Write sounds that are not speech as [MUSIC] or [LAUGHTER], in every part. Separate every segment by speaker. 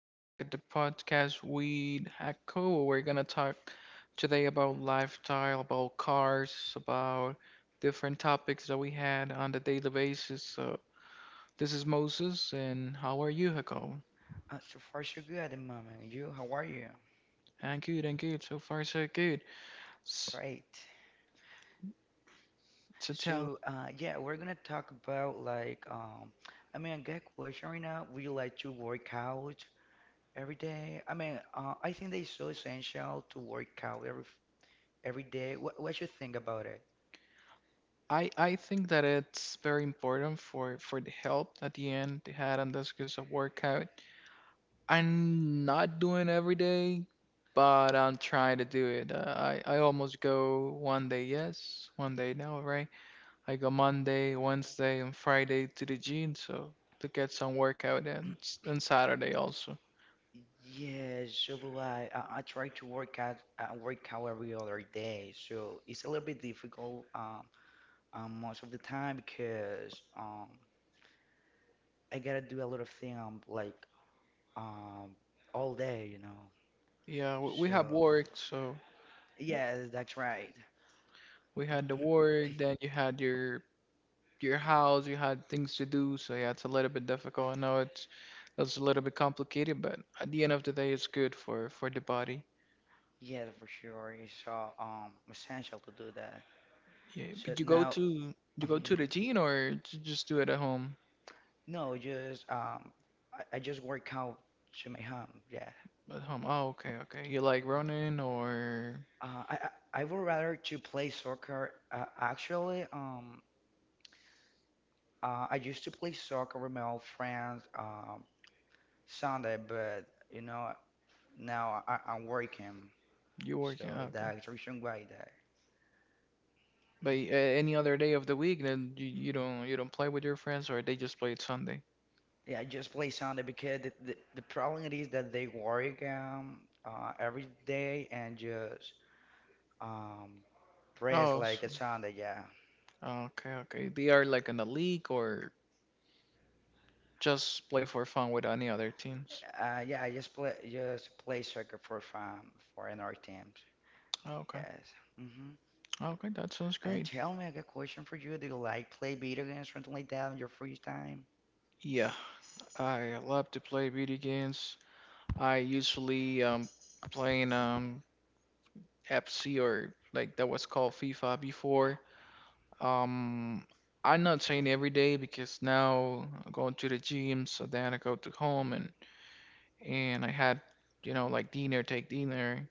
Speaker 1: back at the podcast with Hako. We're gonna talk today about lifestyle, about cars, about different topics that we had on the daily basis. So this is Moses, and how are you, Hako?
Speaker 2: So far, so good at the moment. You, how are you?
Speaker 1: I'm good. I'm good. So far, so good. S-
Speaker 2: Great.
Speaker 1: to tell
Speaker 2: So, yeah, we're gonna talk about like, I mean, get question right now. Would you like to work out every day? I mean, I think that it's so essential to work out every day. What you think about it?
Speaker 1: I think that it's very important for the help at the end they had on this because of workout I'm not doing every day, but I'm trying to do it. I almost go 1 day yes, 1 day no, right? I go Monday, Wednesday, and Friday to the gym, so to get some workout and and Saturday also.
Speaker 2: Yes, so do I. I try to work out every other day, so it's a little bit difficult most of the time because I gotta do a lot of things like um, all day.
Speaker 1: Yeah, we have
Speaker 2: So
Speaker 1: work, so
Speaker 2: yeah, that's right.
Speaker 1: we had the work. Then you had your house, you had things to do. So yeah, it's a little bit difficult. I know it's a little bit complicated, but at the end of the day, it's good for the body.
Speaker 2: Yeah, for sure. It's essential to do that.
Speaker 1: Yeah,
Speaker 2: So
Speaker 1: but you go
Speaker 2: now,
Speaker 1: to
Speaker 2: um,
Speaker 1: the gym or just do it at home?
Speaker 2: no, just I just work out to my home. Yeah.
Speaker 1: At home. Oh, okay, okay. You like
Speaker 2: Uh,
Speaker 1: running or
Speaker 2: uh, I I would rather to play soccer. Actually, I used to play soccer with my old friends Sunday, but you know now I'm working,
Speaker 1: you
Speaker 2: so
Speaker 1: working? Oh, okay.
Speaker 2: that's the reason why that.
Speaker 1: But any other day of the week, then you don't play with your friends or they just play it Sunday.
Speaker 2: Yeah, I just play Sunday because the problem it is that they work every day and just um rest
Speaker 1: Oh,
Speaker 2: like
Speaker 1: so,
Speaker 2: a Sunday. Yeah,
Speaker 1: okay, okay. They are like in the league or just play for fun with any other teams.
Speaker 2: yeah. I just play soccer for fun for another teams.
Speaker 1: Oh, okay.
Speaker 2: Yes. hmm
Speaker 1: Oh, okay. That sounds
Speaker 2: And
Speaker 1: great.
Speaker 2: tell me, I got a question for you. Do you like play video games or something like that in your free time?
Speaker 1: Yeah. I love to play video games. I usually playing FC or like that was called FIFA before. Um, I'm not saying every day because now I'm going to the gym, so then I go to home and I had like dinner, take dinner.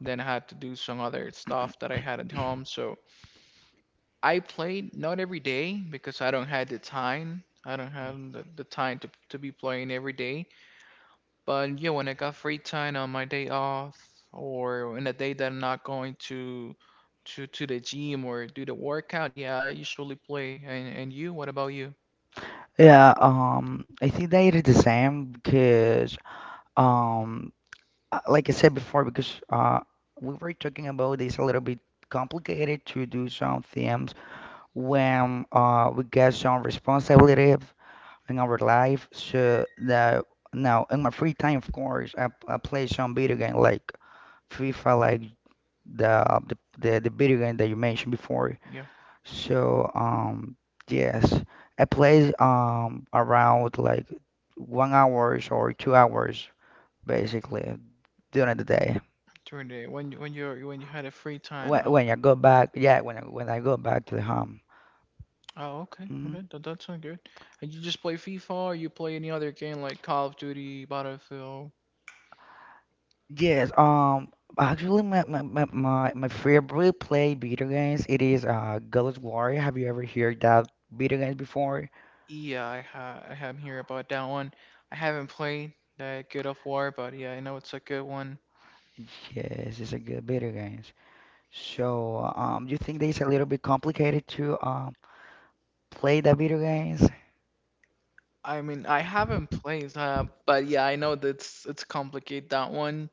Speaker 1: Then I had to do some other stuff that I had at home. So I played not every day because I don't have the time. I don't have the time to be playing every day. But yeah, when I got free time on my day off or in a day that I'm not going to the gym or do the workout, yeah, I usually play. And you, what about you?
Speaker 2: Yeah, I think that it is the same because um Like I said before, because we were talking about this a little bit complicated to do some themes when we get some responsibilities in our life. So that now in my free time, of course, I play some video game like FIFA, like the the the video game that you mentioned before.
Speaker 1: Yeah,
Speaker 2: So yes, I play around like 1 hours or 2 hours basically during the day.
Speaker 1: during the when you had a free time.
Speaker 2: When
Speaker 1: Oh,
Speaker 2: when I go back, yeah, when I go back to the home.
Speaker 1: oh, okay,
Speaker 2: Mhm.
Speaker 1: okay, that sounds good. And you just play FIFA or you play any other game like Call of Duty, Battlefield?
Speaker 2: Yes, actually, my favorite play video games it is God's Glory. Have you ever heard that video games before?
Speaker 1: Yeah, I have here about that one. I haven't played that God of War, but yeah, I know it's a good one.
Speaker 2: Yes, it's a good video games. So, you think that it's a little bit complicated to play the video games?
Speaker 1: I mean, I haven't played, but yeah, I know that it's complicated that one.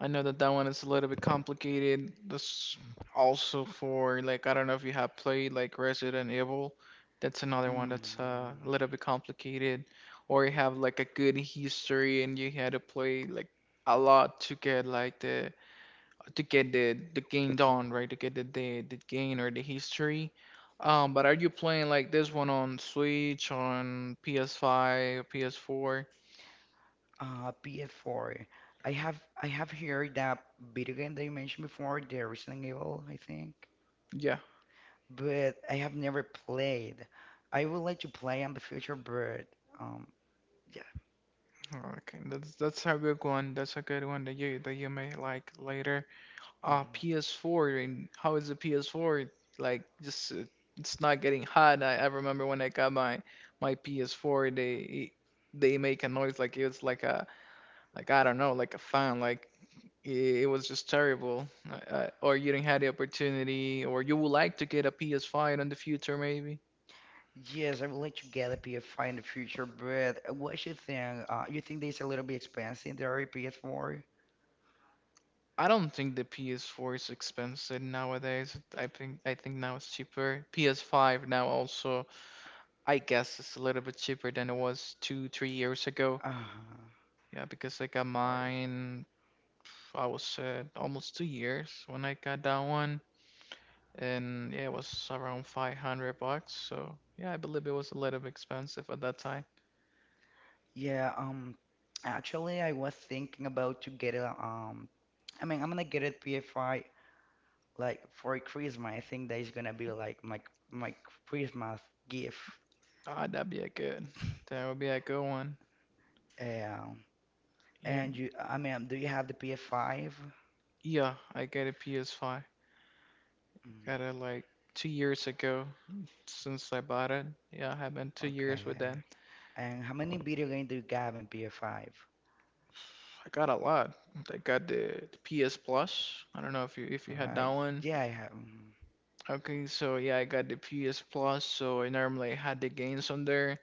Speaker 1: I know that one is a little bit complicated. That's also for like I don't know if you have played like Resident Evil. That's another one that's
Speaker 2: Mm,
Speaker 1: a little bit complicated, or you have like a good history and you had to play like a lot to get like the to get the game done, right? To get the the game or the history. But are you playing like this one on Switch, on PS5, PS4?
Speaker 2: PS4. I have heard that video game that you mentioned before, the Resident Evil, I think.
Speaker 1: Yeah.
Speaker 2: But I have never played. I would like to play in the future, but um, yeah.
Speaker 1: Okay, that's a good one. That's a good one that you may like later.
Speaker 2: Mhm.
Speaker 1: PS4. And how is the PS4? Like, just it's not getting hot. I remember when I got my PS4, they make a noise like it's like a I don't know, like a fan, like it was just terrible. Or you didn't have the opportunity, or you would like to get a PS5 in the future, maybe.
Speaker 2: Yes, I would like to get a PS5 in the future, but what you think? You think this a little bit expensive, the already PS4?
Speaker 1: I don't think the PS4 is expensive nowadays. I think now it's cheaper. PS5 now also, I guess it's a little bit cheaper than it was two, 3 years ago.
Speaker 2: Of
Speaker 1: Yeah, because I got
Speaker 2: course.
Speaker 1: mine, I was almost 2 years when I got that one, and yeah, it was around 500 bucks. So yeah, I believe it was a little bit expensive at that time.
Speaker 2: Yeah, actually, I was thinking about to get I mean, I'm gonna get a PS5 like for Christmas. I think that is gonna be like my Christmas gift.
Speaker 1: Ah, That would be a good one.
Speaker 2: Um,
Speaker 1: Yeah,
Speaker 2: and you, I mean, do you have the PS5?
Speaker 1: yeah. I got a PS5.
Speaker 2: Mm,
Speaker 1: Got it like 2 years ago since I bought it. Yeah, I have been 2 years
Speaker 2: okay.
Speaker 1: with that.
Speaker 2: And how many video games do you have in PS5?
Speaker 1: I got a lot. I got the PS Plus. I don't know if you
Speaker 2: All
Speaker 1: had that
Speaker 2: right.
Speaker 1: one.
Speaker 2: Yeah, I have
Speaker 1: Okay, so yeah, I got the PS Plus, so I normally had the games on there,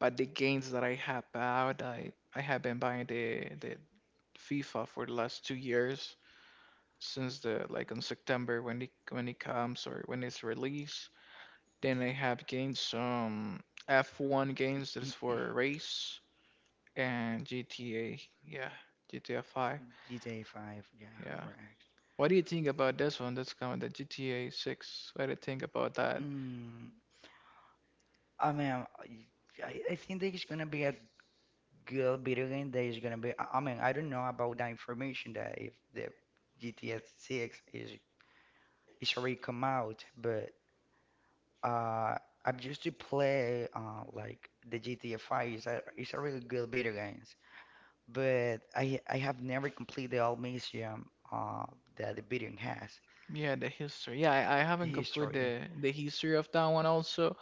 Speaker 1: but the games that I have out, I have been buying the FIFA for the last 2 years, since the like on September when it comes or when it's released. Then I have gained some F1 games that is for race and GTA. Yeah, GTA 5.
Speaker 2: GTA 5. Yeah,
Speaker 1: Yeah.
Speaker 2: correct.
Speaker 1: What do you think about this one that's coming, the GTA 6? What do you think about that?
Speaker 2: Mm, I mean, I think that it's gonna be a good video game. That is gonna be. I mean, I don't know about the information that if the GTA 6 is already come out, but Uh, I used to play like the GTA 5 is it's a really good video games, but I have never completed all museum that the video has,
Speaker 1: Yeah, the history. I
Speaker 2: the
Speaker 1: haven't completed
Speaker 2: history.
Speaker 1: the history of that one also.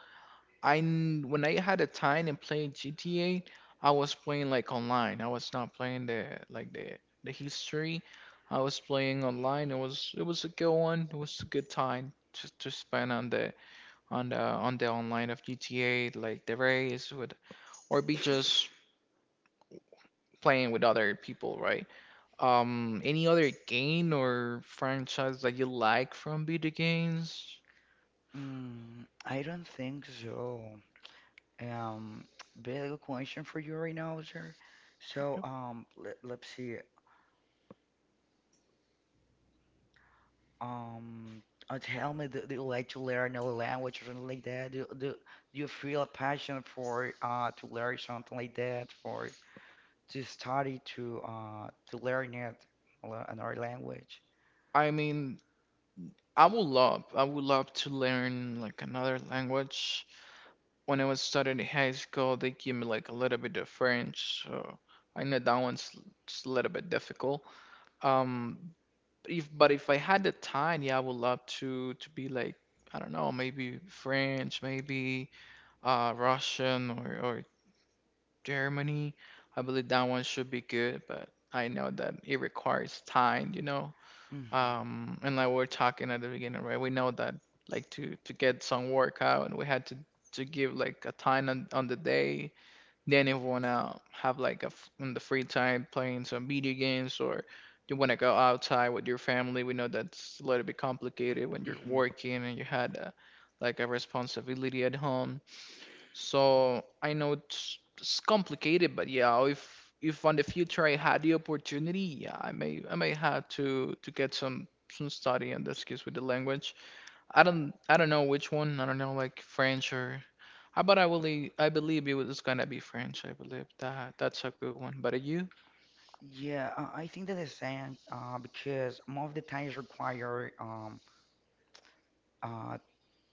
Speaker 1: When I had a time and played GTA, I was playing like online. I was not playing the like the history. I was playing online. It was a good one. It was a good time to spend on the on the online of GTA, like the race with or be just playing with other people, right? Any other game or franchise that you like from video games?
Speaker 2: I don't think so. Um, very good question for you right now, sir. So
Speaker 1: Yep.
Speaker 2: let's see. Um, tell me, do you like to learn another language or something like that? Do you feel a passion for to learn something like that for? To study to learn another language.
Speaker 1: I mean, I would love to learn like another language. When I was studying in high school, they gave me like a little bit of French, so I know just a little bit difficult. Um, if but if I had the time, yeah, I would love to be like I don't know, maybe French, maybe Russian or Germany. I believe that one should be good, but I know that it requires time, you know
Speaker 2: Mm-hmm.
Speaker 1: and like we were talking at the beginning, right? We know that like to get some workout and we had to give like a time on the day then if you want to have like a in the free time playing some video games or you want to go outside with your family we know that's a little bit complicated when you're
Speaker 2: hmm
Speaker 1: working and you had a, like a responsibility at home so I know it's complicated, but yeah, if on the future I had the opportunity, yeah, I may have to get some study in this case with the language. I don't know which one. I don't know like French or. I but I believe it was gonna be French. I believe that that's a good one. But you?
Speaker 2: Yeah, I think that is saying because most of the times require uh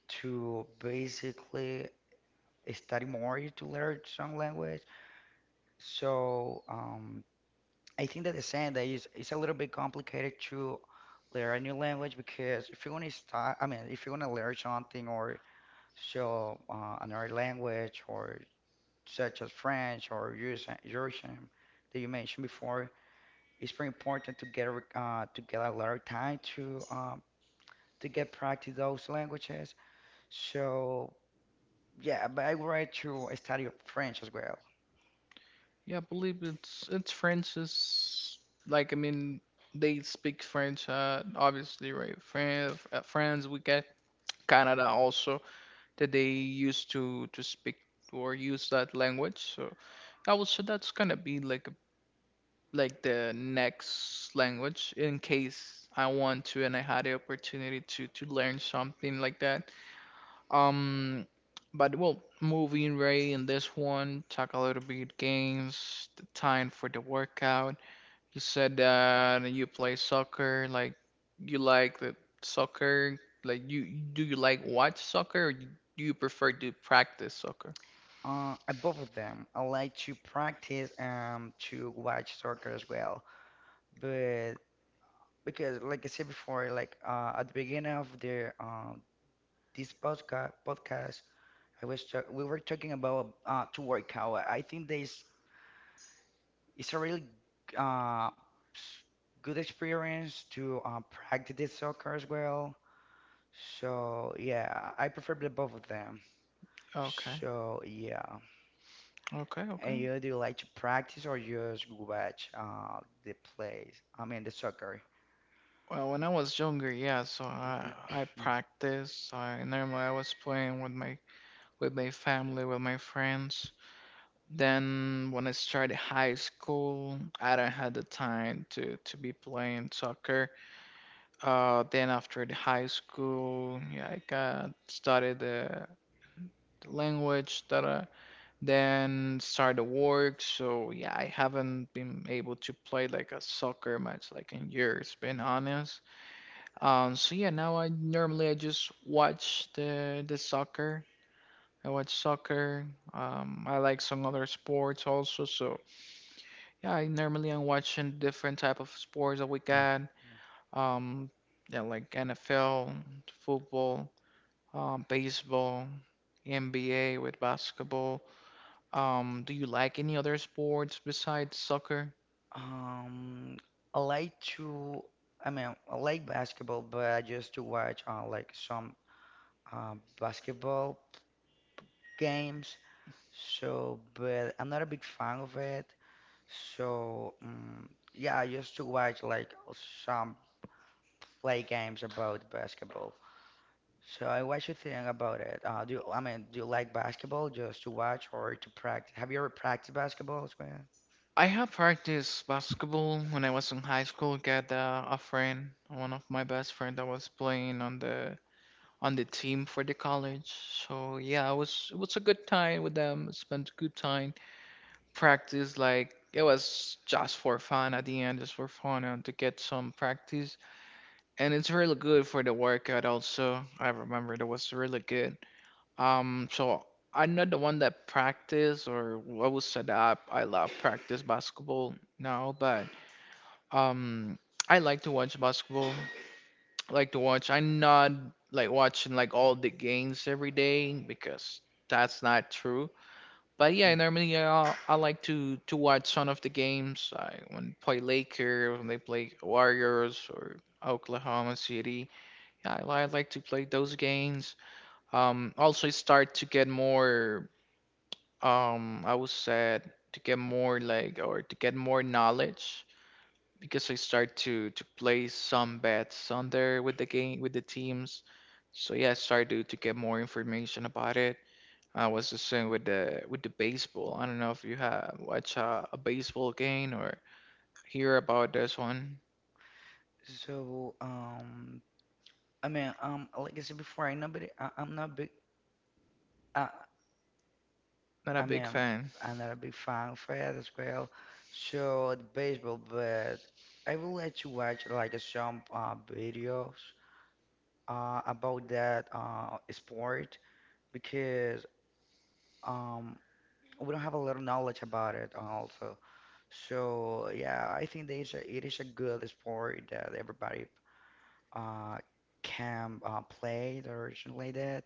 Speaker 2: to basically study more to learn some language. So I think that the saying that is it's a little bit complicated to learn a new language because if you want to start, I mean, if you want to learn something or so another language or such as French or Russian that you mentioned before, it's very important to to get a lot of time to get practice those languages. So yeah, but I would like to study French as well.
Speaker 1: Yeah, I believe it's French is like I mean they speak French. Obviously, right? France, France. We get Canada also that they used to speak or use that language. So I would say that's gonna be like the next language in case I want to and I had the opportunity to learn something like that. Um, but well, moving right in this one, talk a little bit games, the time for the workout, you said that you play soccer, like you like the soccer, like you do you like watch soccer or you, do you prefer to practice soccer?
Speaker 2: Both of them, I like to practice to watch soccer as well, but because like I said before, like at the beginning of the this podcast. We were talking about to work out. I think there's it's a really uh, s- good experience to practice the soccer as well. So yeah, I prefer the both of them.
Speaker 1: Okay.
Speaker 2: So yeah,
Speaker 1: Okay,
Speaker 2: and you
Speaker 1: okay.
Speaker 2: do you like to practice or just watch the plays? I mean the soccer.
Speaker 1: Well, when I was younger, yeah, so I
Speaker 2: Mm,
Speaker 1: practice. I normally I was playing with my family, with my friends. Then when I started high school, I don't had the time to be playing soccer. Then after the high school, yeah, I got studied the language that I then started work. So yeah, I haven't been able to play like a soccer match like in years, being
Speaker 2: mm.
Speaker 1: honest. So yeah, now I normally I just watch the soccer. I watch soccer. I like some other sports also. So yeah, I normally I'm watching different type of sports that we
Speaker 2: Uh,
Speaker 1: got. Um, yeah, like NFL, football, baseball, NBA with basketball. Do you like any other sports besides soccer?
Speaker 2: Um, I like to, I mean, I like basketball, but I just to watch like some basketball games. So, but I'm not a big fan of it. So, yeah, I used to watch like some play games about basketball. So, I what you think about it? Do you, I mean, do you like basketball just to watch or to practice? Have you ever practiced basketball as well?
Speaker 1: I have practiced basketball when I was in high school. Got a friend, one of my best friend that was playing on the team for the college. So yeah, it was a good time with them. Spent good time. Practice like it was just for fun at the end, just for fun and to get some practice. And it's really good for the workout also. I remember it was really good. So I'm not the one that practice or I was set up. I love practice basketball now, but um, I like to watch basketball. I like to watch. I'm not like watching like all the games every day because that's not true. But
Speaker 2: Mm,
Speaker 1: yeah, normally yeah, I like to watch some of the games. I When they play Lakers, when they play Warriors or Oklahoma City. Yeah, I like to play those games also start to get more I was sad to get more, like, or to get more knowledge because I start to play some bets
Speaker 2: mm.
Speaker 1: on there with the game with the teams. So yeah, I started to get more information about it. I was the same with the baseball. I don't know if you have watch a baseball game or hear about this one.
Speaker 2: So, um, I mean, like I said before, I'm not big. Uh,
Speaker 1: Not
Speaker 2: I
Speaker 1: a big
Speaker 2: mean,
Speaker 1: fan?
Speaker 2: I'm not a big fan as well. So the baseball, but I will let you watch like some videos about that sport because um, we don't have a lot of knowledge about it also. So yeah, I think that it is a good sport that everybody uh, can play or something like that.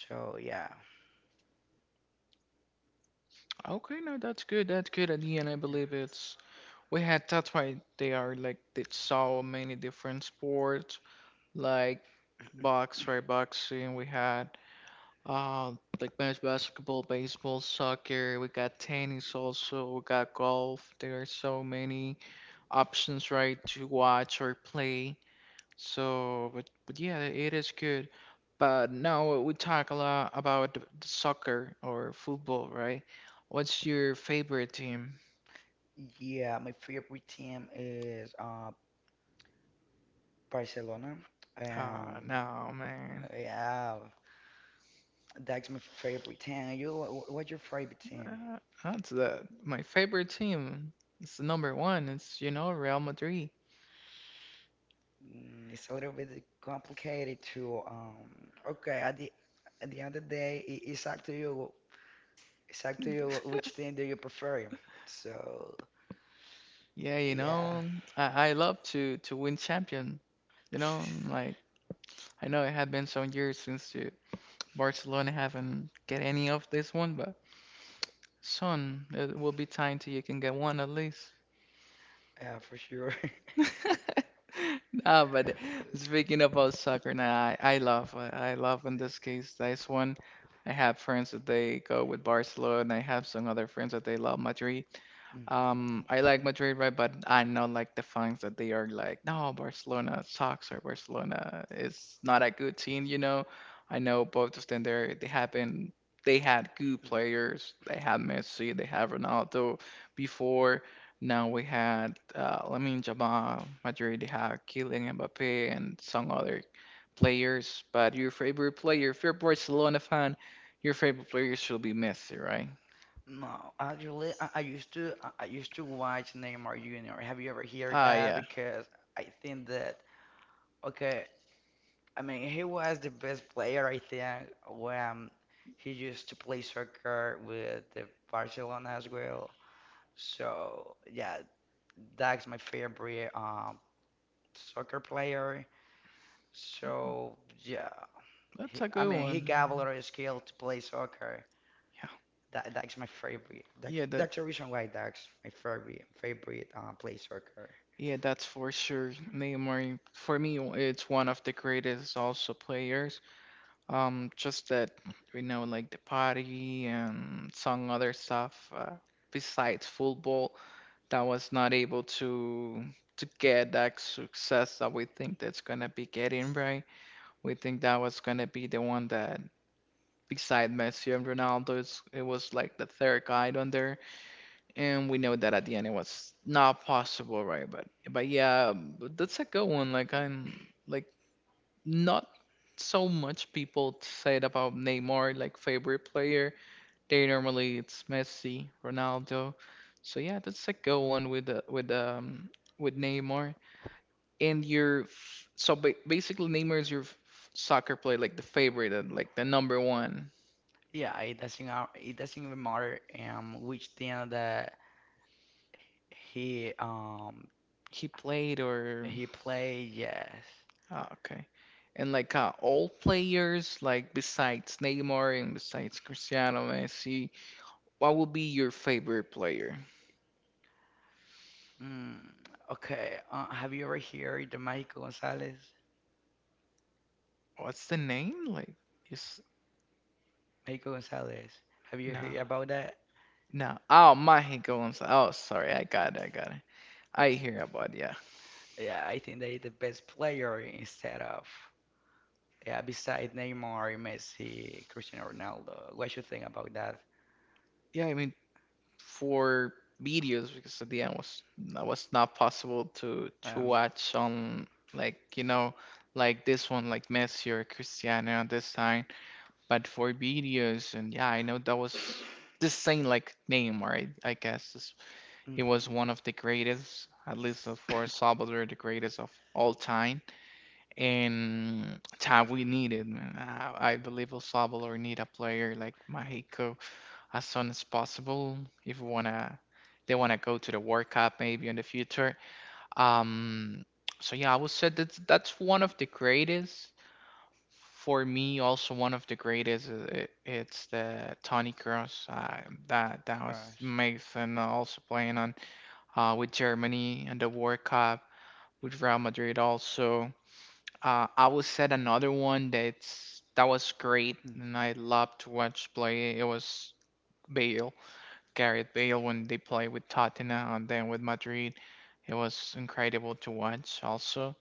Speaker 2: So yeah.
Speaker 1: Okay. No, that's good. That's good. At the end, I believe it's, we had, that's why they are like, they saw many different sports like box, right? Boxing. We had uh, like men's basketball, baseball, soccer. We got tennis also. We got golf. There are so many options, right, to watch or play. So, but yeah, it is good. But now we talk a lot about the soccer or football, right? What's your favorite team?
Speaker 2: Yeah, my favorite team is Barcelona.
Speaker 1: Ah,
Speaker 2: Um,
Speaker 1: no, man.
Speaker 2: yeah, that's my favorite team. You, what's your favorite team?
Speaker 1: Uh, that's the my favorite team. It's the number one. It's Real Madrid.
Speaker 2: It's a little bit complicated to. Okay, at the end of the day, it's up to you. It's up to you which team
Speaker 1: [LAUGHS]
Speaker 2: do you prefer. So
Speaker 1: Yeah,
Speaker 2: yeah,
Speaker 1: I love to win champion.
Speaker 2: [LAUGHS]
Speaker 1: Like I know it had been some years since you, Barcelona, haven't get any of this one, but son, it will be time till you can get one at least.
Speaker 2: yeah, for sure. [LAUGHS]
Speaker 1: [LAUGHS] Ah, but speaking about soccer, now I love in this case this one. I have friends that they go with Barcelona. I have some other friends that they love Madrid.
Speaker 2: Mhm.
Speaker 1: I like Madrid, right? But I know, like, the fans that they are like, no, Barcelona sucks, or Barcelona is not a good team. I know both of them, there they have been they had good players. They had Messi, they had Ronaldo before. Now we had Lamine Yamal. Madrid, they had Kylian Mbappe and some other players. But your favorite player, if you're a Barcelona fan, your favorite player should be Messi, right?
Speaker 2: No, actually, I used to watch Neymar Jr. Have you ever heard
Speaker 1: Ah,
Speaker 2: that?
Speaker 1: yeah,
Speaker 2: Because I think that okay, I mean, he was the best player, I think, when he used to play soccer with the Barcelona as well. So, yeah, that's my favorite soccer player. So, yeah, he,
Speaker 1: that's a
Speaker 2: I
Speaker 1: good
Speaker 2: mean, he
Speaker 1: one.
Speaker 2: got a
Speaker 1: Yeah,
Speaker 2: lot of skill to play soccer. That's my favorite.
Speaker 1: yeah
Speaker 2: That's
Speaker 1: that.
Speaker 2: the reason why that's my favorite play soccer.
Speaker 1: Yeah, that's for sure. Neymar, for me, it's one of the greatest also players. Just that, like the party and some other stuff besides football. That was not able to get that success that we think that's gonna be getting, right. We think that was gonna be the one that, beside Messi and Ronaldo, it was like the third guy on there, and we know that at the end it was not possible, right? But yeah, but that's a good one. Like, I'm like, not so much people said about Neymar like favorite player. They normally it's Messi, Ronaldo. So yeah, that's a good one with with Neymar. And so basically Neymar is your soccer player, like the favorite, and like the number one
Speaker 2: Yeah, it doesn't even matter which team that he um
Speaker 1: he played, or
Speaker 2: He play, yes.
Speaker 1: ah, okay. And like, all players, like besides Neymar and besides Cristiano Messi, what would be your favorite player?
Speaker 2: Mm, okay. Have you ever heard the Mexico Gonzalez?
Speaker 1: What's the name? Like, is
Speaker 2: Mexico Gonzalez. Have you
Speaker 1: no.
Speaker 2: heard about that?
Speaker 1: No. Oh, my goes. Oh, sorry. I got it. I got it. I hear about, yeah.
Speaker 2: Yeah, I think they the best player instead of yeah, beside Neymar, Messi, Cristiano Ronaldo. What you think about that?
Speaker 1: Yeah, I mean, for videos, because at the end was, that was not possible to
Speaker 2: Um,
Speaker 1: watch on, like, like this one, like Messi or Cristiano at this time. But for videos, and yeah, I know that was the same like name, or I guess this, he was
Speaker 2: mhm,
Speaker 1: one of the greatest, at least for El Salvador, the greatest of all time and time we needed. Man. I believe El Salvador need a player like Mexico as soon as possible if we wanna they wanna go to the World Cup maybe in the future. Um, so yeah, I would say that that's one of the greatest. For me, also one of the greatest, it's the Toni Kroos. That was
Speaker 2: Crush.
Speaker 1: amazing. Also playing on with Germany and the World Cup with Real Madrid also. I would set another one that was great
Speaker 2: Mm.
Speaker 1: and I loved to watch play. It was Bale, Gareth Bale, when they play with Tottenham and then with Madrid. It was incredible to watch also.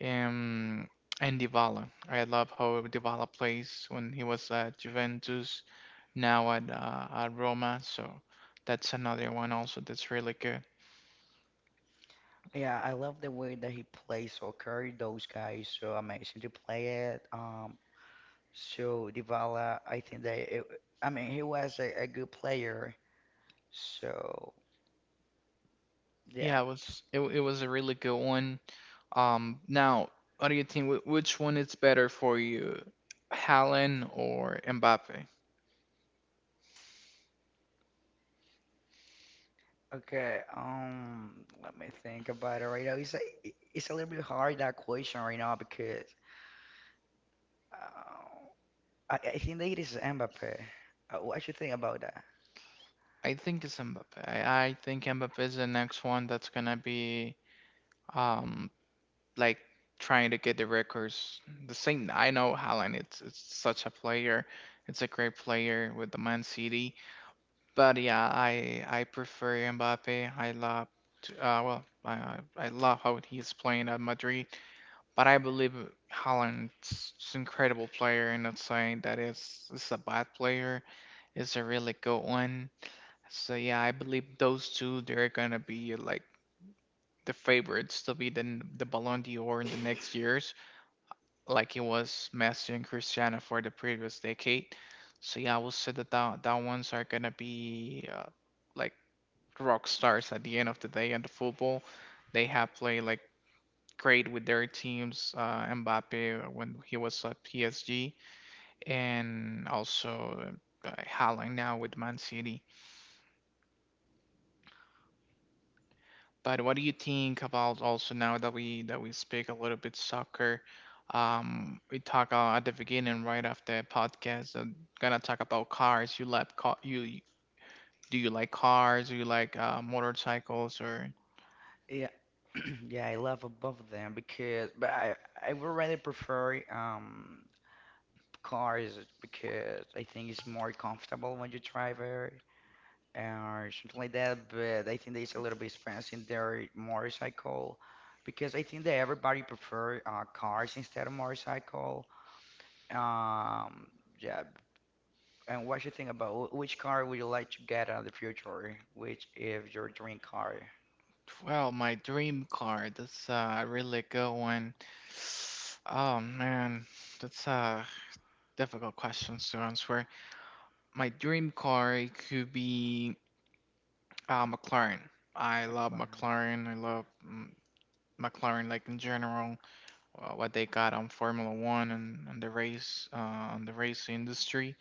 Speaker 1: Um, and Dybala. I love how Dybala plays when he was at Juventus, now at Roma. So that's another one also that's really good.
Speaker 2: Yeah, I love the way that he plays soccer. Those guys so amazing to play it. So Dybala, I think that I mean he was a good player. So yeah.
Speaker 1: Yeah, it was a really good one. Now, what do you think? Which one is better for you, Haaland or Mbappe?
Speaker 2: Okay. Let me think about it right now. It's a little bit hard that question right now because uh, I think that it is Mbappe. What you think about that?
Speaker 1: I think it's Mbappe. I think Mbappe is the next one that's gonna be um like trying to get the records. The same. I know Haaland. It's such a player. It's a great player with the Man City. But yeah, I prefer Mbappe. I love. To- well, I love how he's playing at Madrid. But I believe Holland's is an incredible player, and not saying that it's a bad player. It's a really good one. So yeah, I believe those two they're gonna be like the favorites to be the Ballon d'Or in the next years, like it was Messi and Cristiano for the previous decade. So yeah, I will say that that ones are gonna be like rock stars at the end of the day in the football. They have played like great with their teams. Mbappe when he was at PSG, and also Haaland now with Man City. But what do you think about also now that we speak a little bit soccer? We talk at the beginning, right, after podcast, gonna talk about cars. You like car? You do you like cars? Do you like motorcycles, or?
Speaker 2: Yeah. [CLEARS THROAT] Yeah, I love both of them because, but I would rather prefer cars because I think it's more comfortable when you drive it. Or something like that, but I think that it's a little bit expensive in their motorcycle because I think that everybody prefer cars instead of motorcycle. Um, yeah, and what you think about which car would you like to get in the future? Which is your dream car?
Speaker 1: Well, my dream car, that's a really good one. Oh man, that's difficult questions to answer. My dream car could be McLaren. I love
Speaker 2: McLaren.
Speaker 1: McLaren. I love McLaren, like in general, what they got on Formula One and, the race, on the race industry.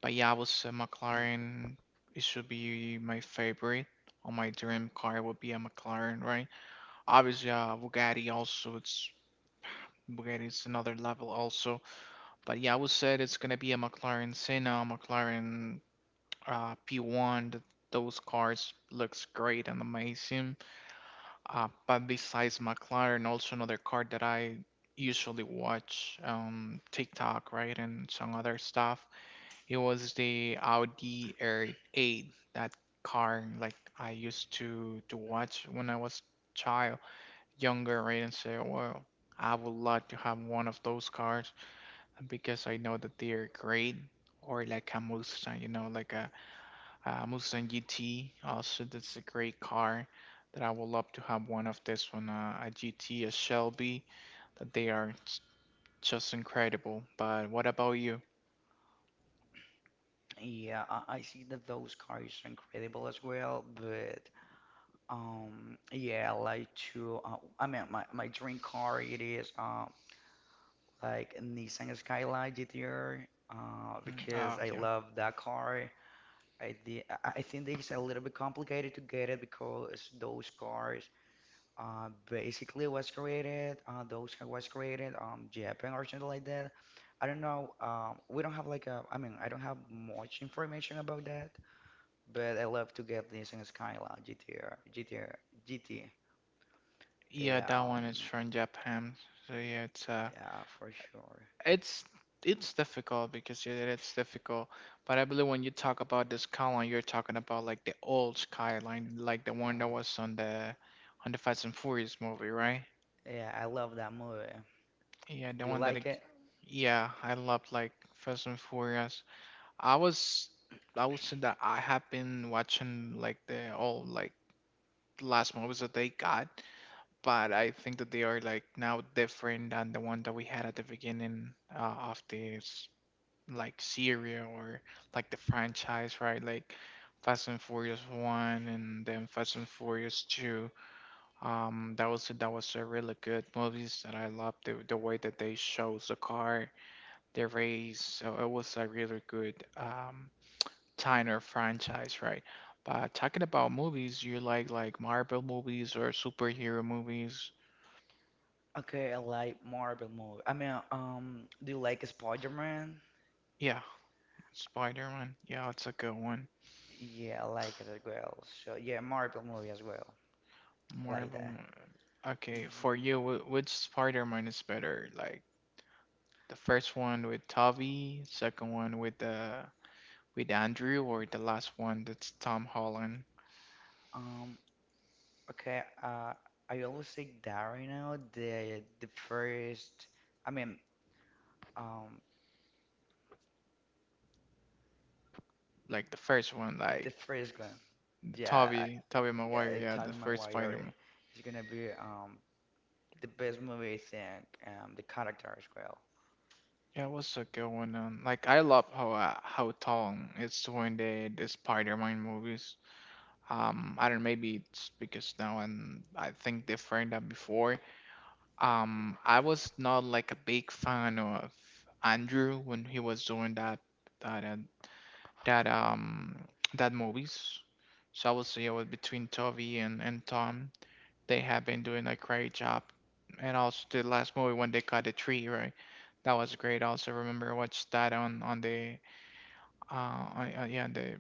Speaker 1: But yeah, I would say McLaren. It should be my favorite. Or my dream car would be a McLaren, right? Obviously, Bugatti also. It's Bugatti is another level also. But yeah, I would say it's gonna be a McLaren Senna, McLaren P1, those cars looks great and amazing. But besides McLaren, also another car that I usually watch on TikTok, right, and some other stuff. It was the Audi R8. That car, like, I used to watch when I was child, younger, right, and say, well, I would like to have one of those cars because I know that they are great. Or like a Mustang, like a Mustang GT, also that's a great car that I would love to have one of this one, a GT, a Shelby, that they are just incredible. But what about you?
Speaker 2: Yeah, I see that those cars are incredible as well, but yeah, I like to. I mean, my dream car it is. Like Nissan Skyline GTR,
Speaker 1: Oh
Speaker 2: because I
Speaker 1: yeah,
Speaker 2: love that car. I did, I think it's a little bit complicated to get it because those cars basically was created, those car was created Japan or something like that. I don't know. We don't have like I mean, I don't have much information about that, but I love to get Nissan Skyline GTR, GTR, GT.
Speaker 1: yeah
Speaker 2: Yeah,
Speaker 1: that one is from Japan. So yeah,
Speaker 2: yeah, for sure.
Speaker 1: it's it's difficult because, yeah, it's difficult. But I believe when you talk about the Skyline, you're talking about like the old Skyline, like the
Speaker 2: Yeah,
Speaker 1: one that was on the Fast and Furious movie, right?
Speaker 2: yeah, I love that movie.
Speaker 1: Yeah, the
Speaker 2: Do you
Speaker 1: one
Speaker 2: like it?
Speaker 1: yeah, I loved like Fast and Furious. I was I would say that I have been watching like the all like last movies that they got, but I think that they are like now different than the one that we had at the beginning of this, like, series, or like the franchise, right? Like Fast and Furious one, and then Fast and Furious two. That was a really good movies that I loved the way that they shows the car there, is so, it was a really good Tyner franchise, right? But talking about movies, you like Marvel movies or superhero movies?
Speaker 2: Okay, I like Marvel movie. I mean, do you like Spider-Man?
Speaker 1: Yeah, Spider-Man. Yeah, it's a good one.
Speaker 2: Yeah, I like it as well. So yeah, Marvel movie as well, like
Speaker 1: Marvel.
Speaker 2: that.
Speaker 1: Okay, for
Speaker 2: Mhm.
Speaker 1: you, which Spider-Man is better? Like the first one with Tobey, second one with the with Andrew, or the last one that's Tom Holland?
Speaker 2: Um, okay, I always say that right now, the first, I mean, um,
Speaker 1: Like the first one, like
Speaker 2: the first one. Yeah,
Speaker 1: Tobey, Tobey Maguire.
Speaker 2: yeah,
Speaker 1: Yeah, the
Speaker 2: Tobey
Speaker 1: first
Speaker 2: Maguire
Speaker 1: Spider-Man.
Speaker 2: is gonna be the best movie I think, the character as well.
Speaker 1: Yeah, what's going on? Like, I love how Tong is doing the Spider-Man movies. I don't know, maybe it's because now, and I think they've framed that before. I was not like a big fan of Andrew when he was doing that uh, that um that movies. So I would say it was between Toby and Tom. They have been doing a great job, and also the last movie when they cut the tree, right? That was great. I also remember I watched that on yeah, the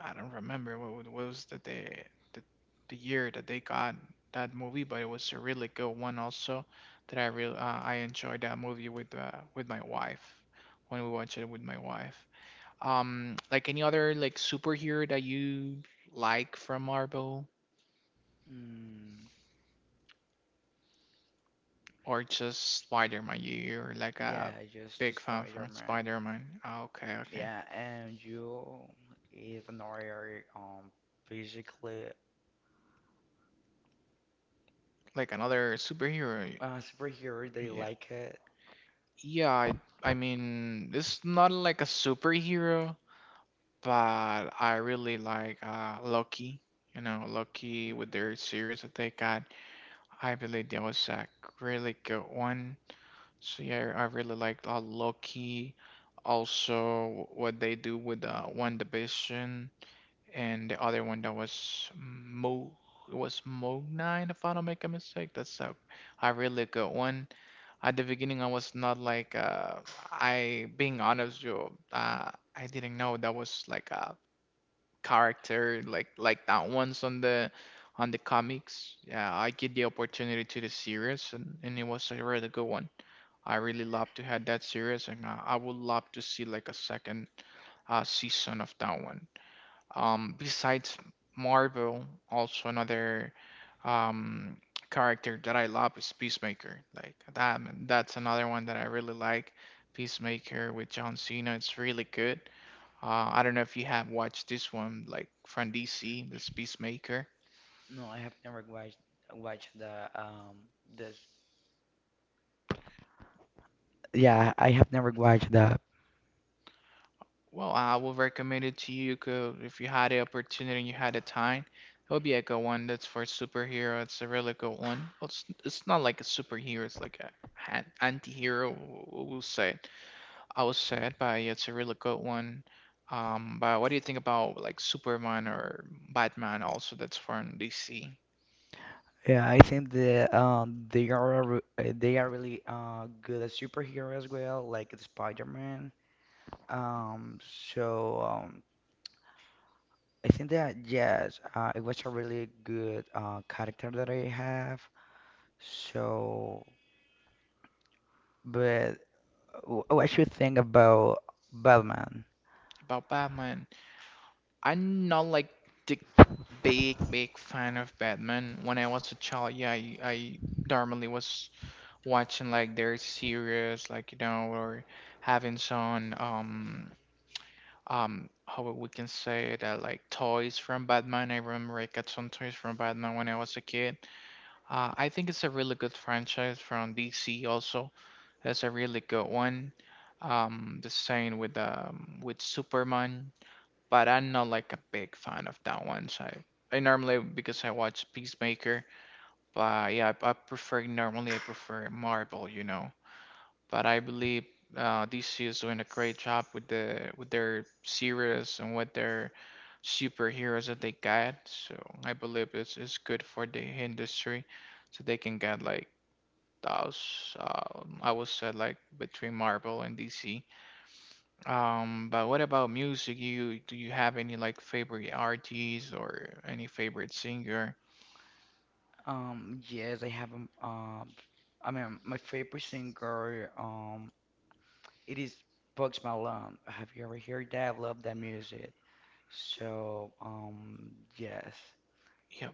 Speaker 1: I don't remember what, what was the the year that they got that movie, but it was a really good one also that I enjoyed that movie with my wife when we watched it with my wife. Like any other like superhero that you like from Marvel
Speaker 2: Mm.
Speaker 1: or just Spider-Man? You're like a
Speaker 2: Yeah, just
Speaker 1: big fan from
Speaker 2: Spider-Man.
Speaker 1: Spider-Man. Ah, okay, okay.
Speaker 2: Yeah, and you is another basically
Speaker 1: Like another superhero.
Speaker 2: superhero they
Speaker 1: Yeah.
Speaker 2: like it.
Speaker 1: Yeah, I mean, it's not like a superhero, but I really like Loki. You know, Loki with
Speaker 2: Mm,
Speaker 1: their series that they got. I believe that was a really good one. So yeah, I really liked Loki. Also, what they do with One Division and the other one that was Mo. It was Mo Nine, if I don't make a mistake. That's a really good one. At the beginning, I was not like I being honest you I didn't know that was like a character like that once on the comics. Yeah, I get the opportunity to the series, and it was a really good one. I really love to have that series, and I would love to see like a second season of that one. Besides Marvel, also another um, character that I love is Peacemaker. Like that's another one that I really like. Peacemaker with John Cena, it's really good. I don't know if you have watched this one, like from DC, this Peacemaker.
Speaker 2: No I have never watched the this. Yeah, I have never watched that.
Speaker 1: Well, I will recommend it to you 'cause if you had the opportunity and you had the time. It would be a good one. That's for superhero. It's a really good one. Well, it's not like a superhero. It's like anti-hero, we'll say. I was sad, but it's a really good one. But what do you think about like Superman or Batman also that's from DC?
Speaker 2: Yeah, I think they are really good at superhero as well, like Spider-Man. Um, so I think that yes, it was a really good character that I have. So, but what you think about Batman?
Speaker 1: About Batman, I'm not like the big big fan of Batman. When I was a child, yeah, I normally was watching like their series, like, or having some how we can say that, like toys from Batman. I remember I got some toys from Batman when I was a kid. I think it's a really good franchise from DC also. That's a really good one. The same with Superman, but I'm not like a big fan of that one. So I normally because I watch Peacemaker, but yeah, I prefer Marvel, but I believe DC is doing a great job with their series and with their superheroes that they got. So I believe it's good for the industry, so they can get like those. I would say like between Marvel and DC. But what about music? You Do you have any like favorite artists or any favorite singer?
Speaker 2: Yes, I mean, my favorite singer, it is Bugs Malone. Have you ever heard that? I love that music. So, yes.
Speaker 1: Yeah,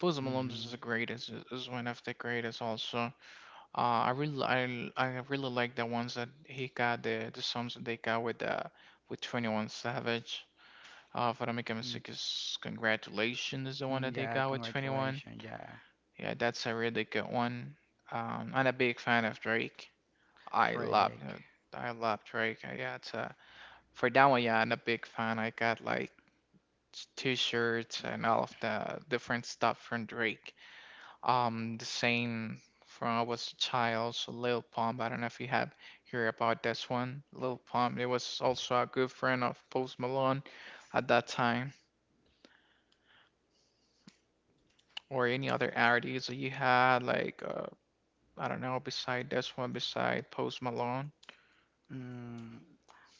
Speaker 1: Post Malone
Speaker 2: Mm-hmm.
Speaker 1: is the greatest. Is one of the greatest also. I really like the ones that he got, the songs that they got with 21 Savage. If I don't,
Speaker 2: mm
Speaker 1: is Congratulations is the one that they
Speaker 2: Yeah,
Speaker 1: got with 21.
Speaker 2: congratulations. Yeah,
Speaker 1: Yeah, that's a really good one. I'm a big fan of Drake. I love you
Speaker 2: Drake.
Speaker 1: know, I love Drake. Yeah, it's for that one, yeah, I'm a big fan. I got like t-shirts and all of the different stuff from Drake. The same from I was a child, so Lil Pump. I don't know if you have heard about this one. Lil Pump, it was also a good friend of Post Malone at that time, or any other artists that you had, like I don't know, beside this one, beside Post Malone.
Speaker 2: Mm,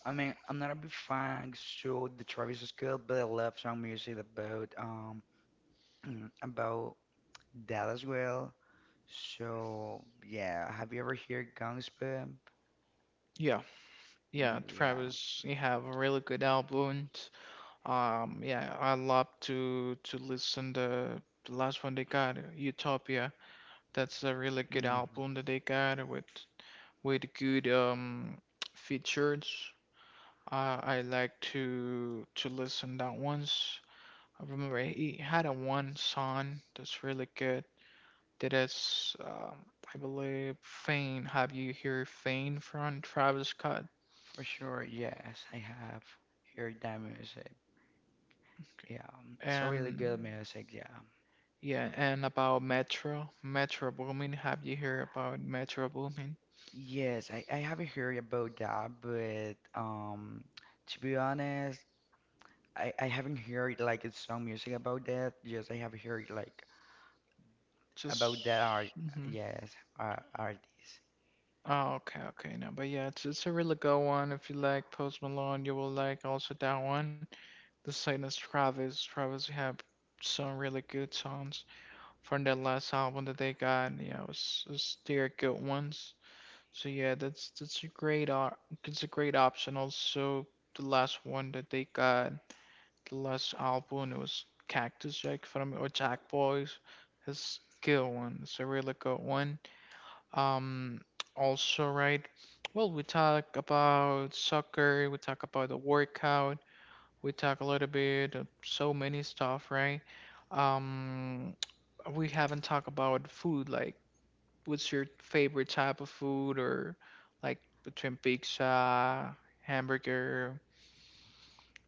Speaker 2: I mean, I'm not a big fan so the Travis Scott, but I love some music about [CLEARS THROAT] about that as well. So yeah, have you ever heard Gangs Pimp?
Speaker 1: Yeah, yeah,
Speaker 2: Yeah,
Speaker 1: Travis, you have a really good albums. Yeah, I love to listen the last one they got, Utopia. That's a really good
Speaker 2: hmm
Speaker 1: album that they got with good features. I like to listen that ones. I remember he had a one song that's really good. That is, I believe, "Fame." Have you heard "Fame" from Travis Scott?
Speaker 2: for sure. Yes, I have heard that music. Yeah. It's a really
Speaker 1: And
Speaker 2: good music. Yeah.
Speaker 1: yeah, and about Metro Boomin. Have you heard about Metro Boomin?
Speaker 2: Yes, I haven't heard about that, but to be honest, I haven't heard like it's some music about that. Yes, I have heard like
Speaker 1: Just,
Speaker 2: about that art.
Speaker 1: mhm.
Speaker 2: Yes, art, artist.
Speaker 1: Oh, okay, okay, no, but yeah, it's a really good one. If you like Post Malone, you will like also that one. The same as Travis. Travis have some really good songs from their last album that they got. Yeah, it was they're good ones. So yeah, that's a great op it's a great option. Also, the last one that they got, the last album, it was Cactus Jack from or Jack Boys. It's a good one. It's a really good one. Um, Also, right? Well, we talk about soccer, we talk about the workout, we talk a little bit of so many stuff, right? Um, we haven't talked about food. Like, what's your favorite type of food, or like between pizza, hamburger?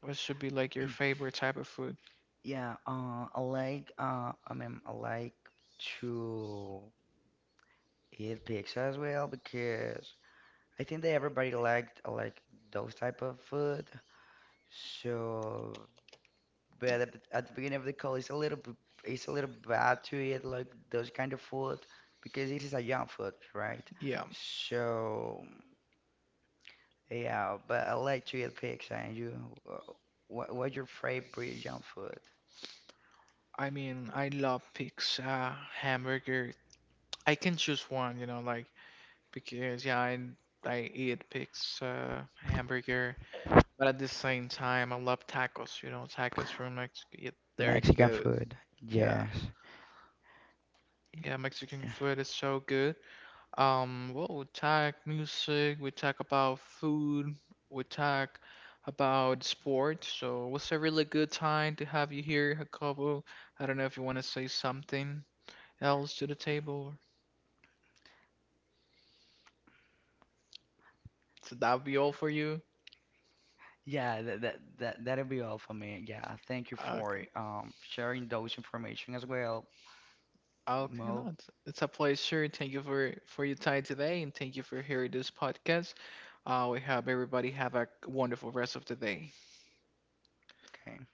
Speaker 1: What should be like your favorite type of food?
Speaker 2: Yeah, I mean, I like to eat pizza as well because I think that everybody liked like those type of food. So, but at the beginning of the call, it's a little bad to eat like those kind of food because it is a young food, right?
Speaker 1: Yeah,
Speaker 2: So, yeah, but I like to eat pizza. And you, uh, what's your favorite young food?
Speaker 1: I mean, I love pizza, hamburger. I can choose one, like because yeah, I eat pigs, hamburger, but at the same time I love tacos. You know, tacos from Mexico. Yeah, they're
Speaker 2: Mexican
Speaker 1: good.
Speaker 2: food,
Speaker 1: Yeah,
Speaker 2: yes.
Speaker 1: yeah, Mexican food is so good. Well, we talk music, we talk about food, we talk about sports. So it was a really good time to have you here, Jacobo. I don't know if you want to say something else to the table. So that'll be all for you.
Speaker 2: Yeah, that'll be all for me. Yeah, thank you for
Speaker 1: Okay.
Speaker 2: sharing those information as well,
Speaker 1: Okay,
Speaker 2: Mo.
Speaker 1: no, it's a pleasure. Thank you for your time today, and thank you for hearing this podcast. We hope everybody have a wonderful rest of the day.
Speaker 2: Okay.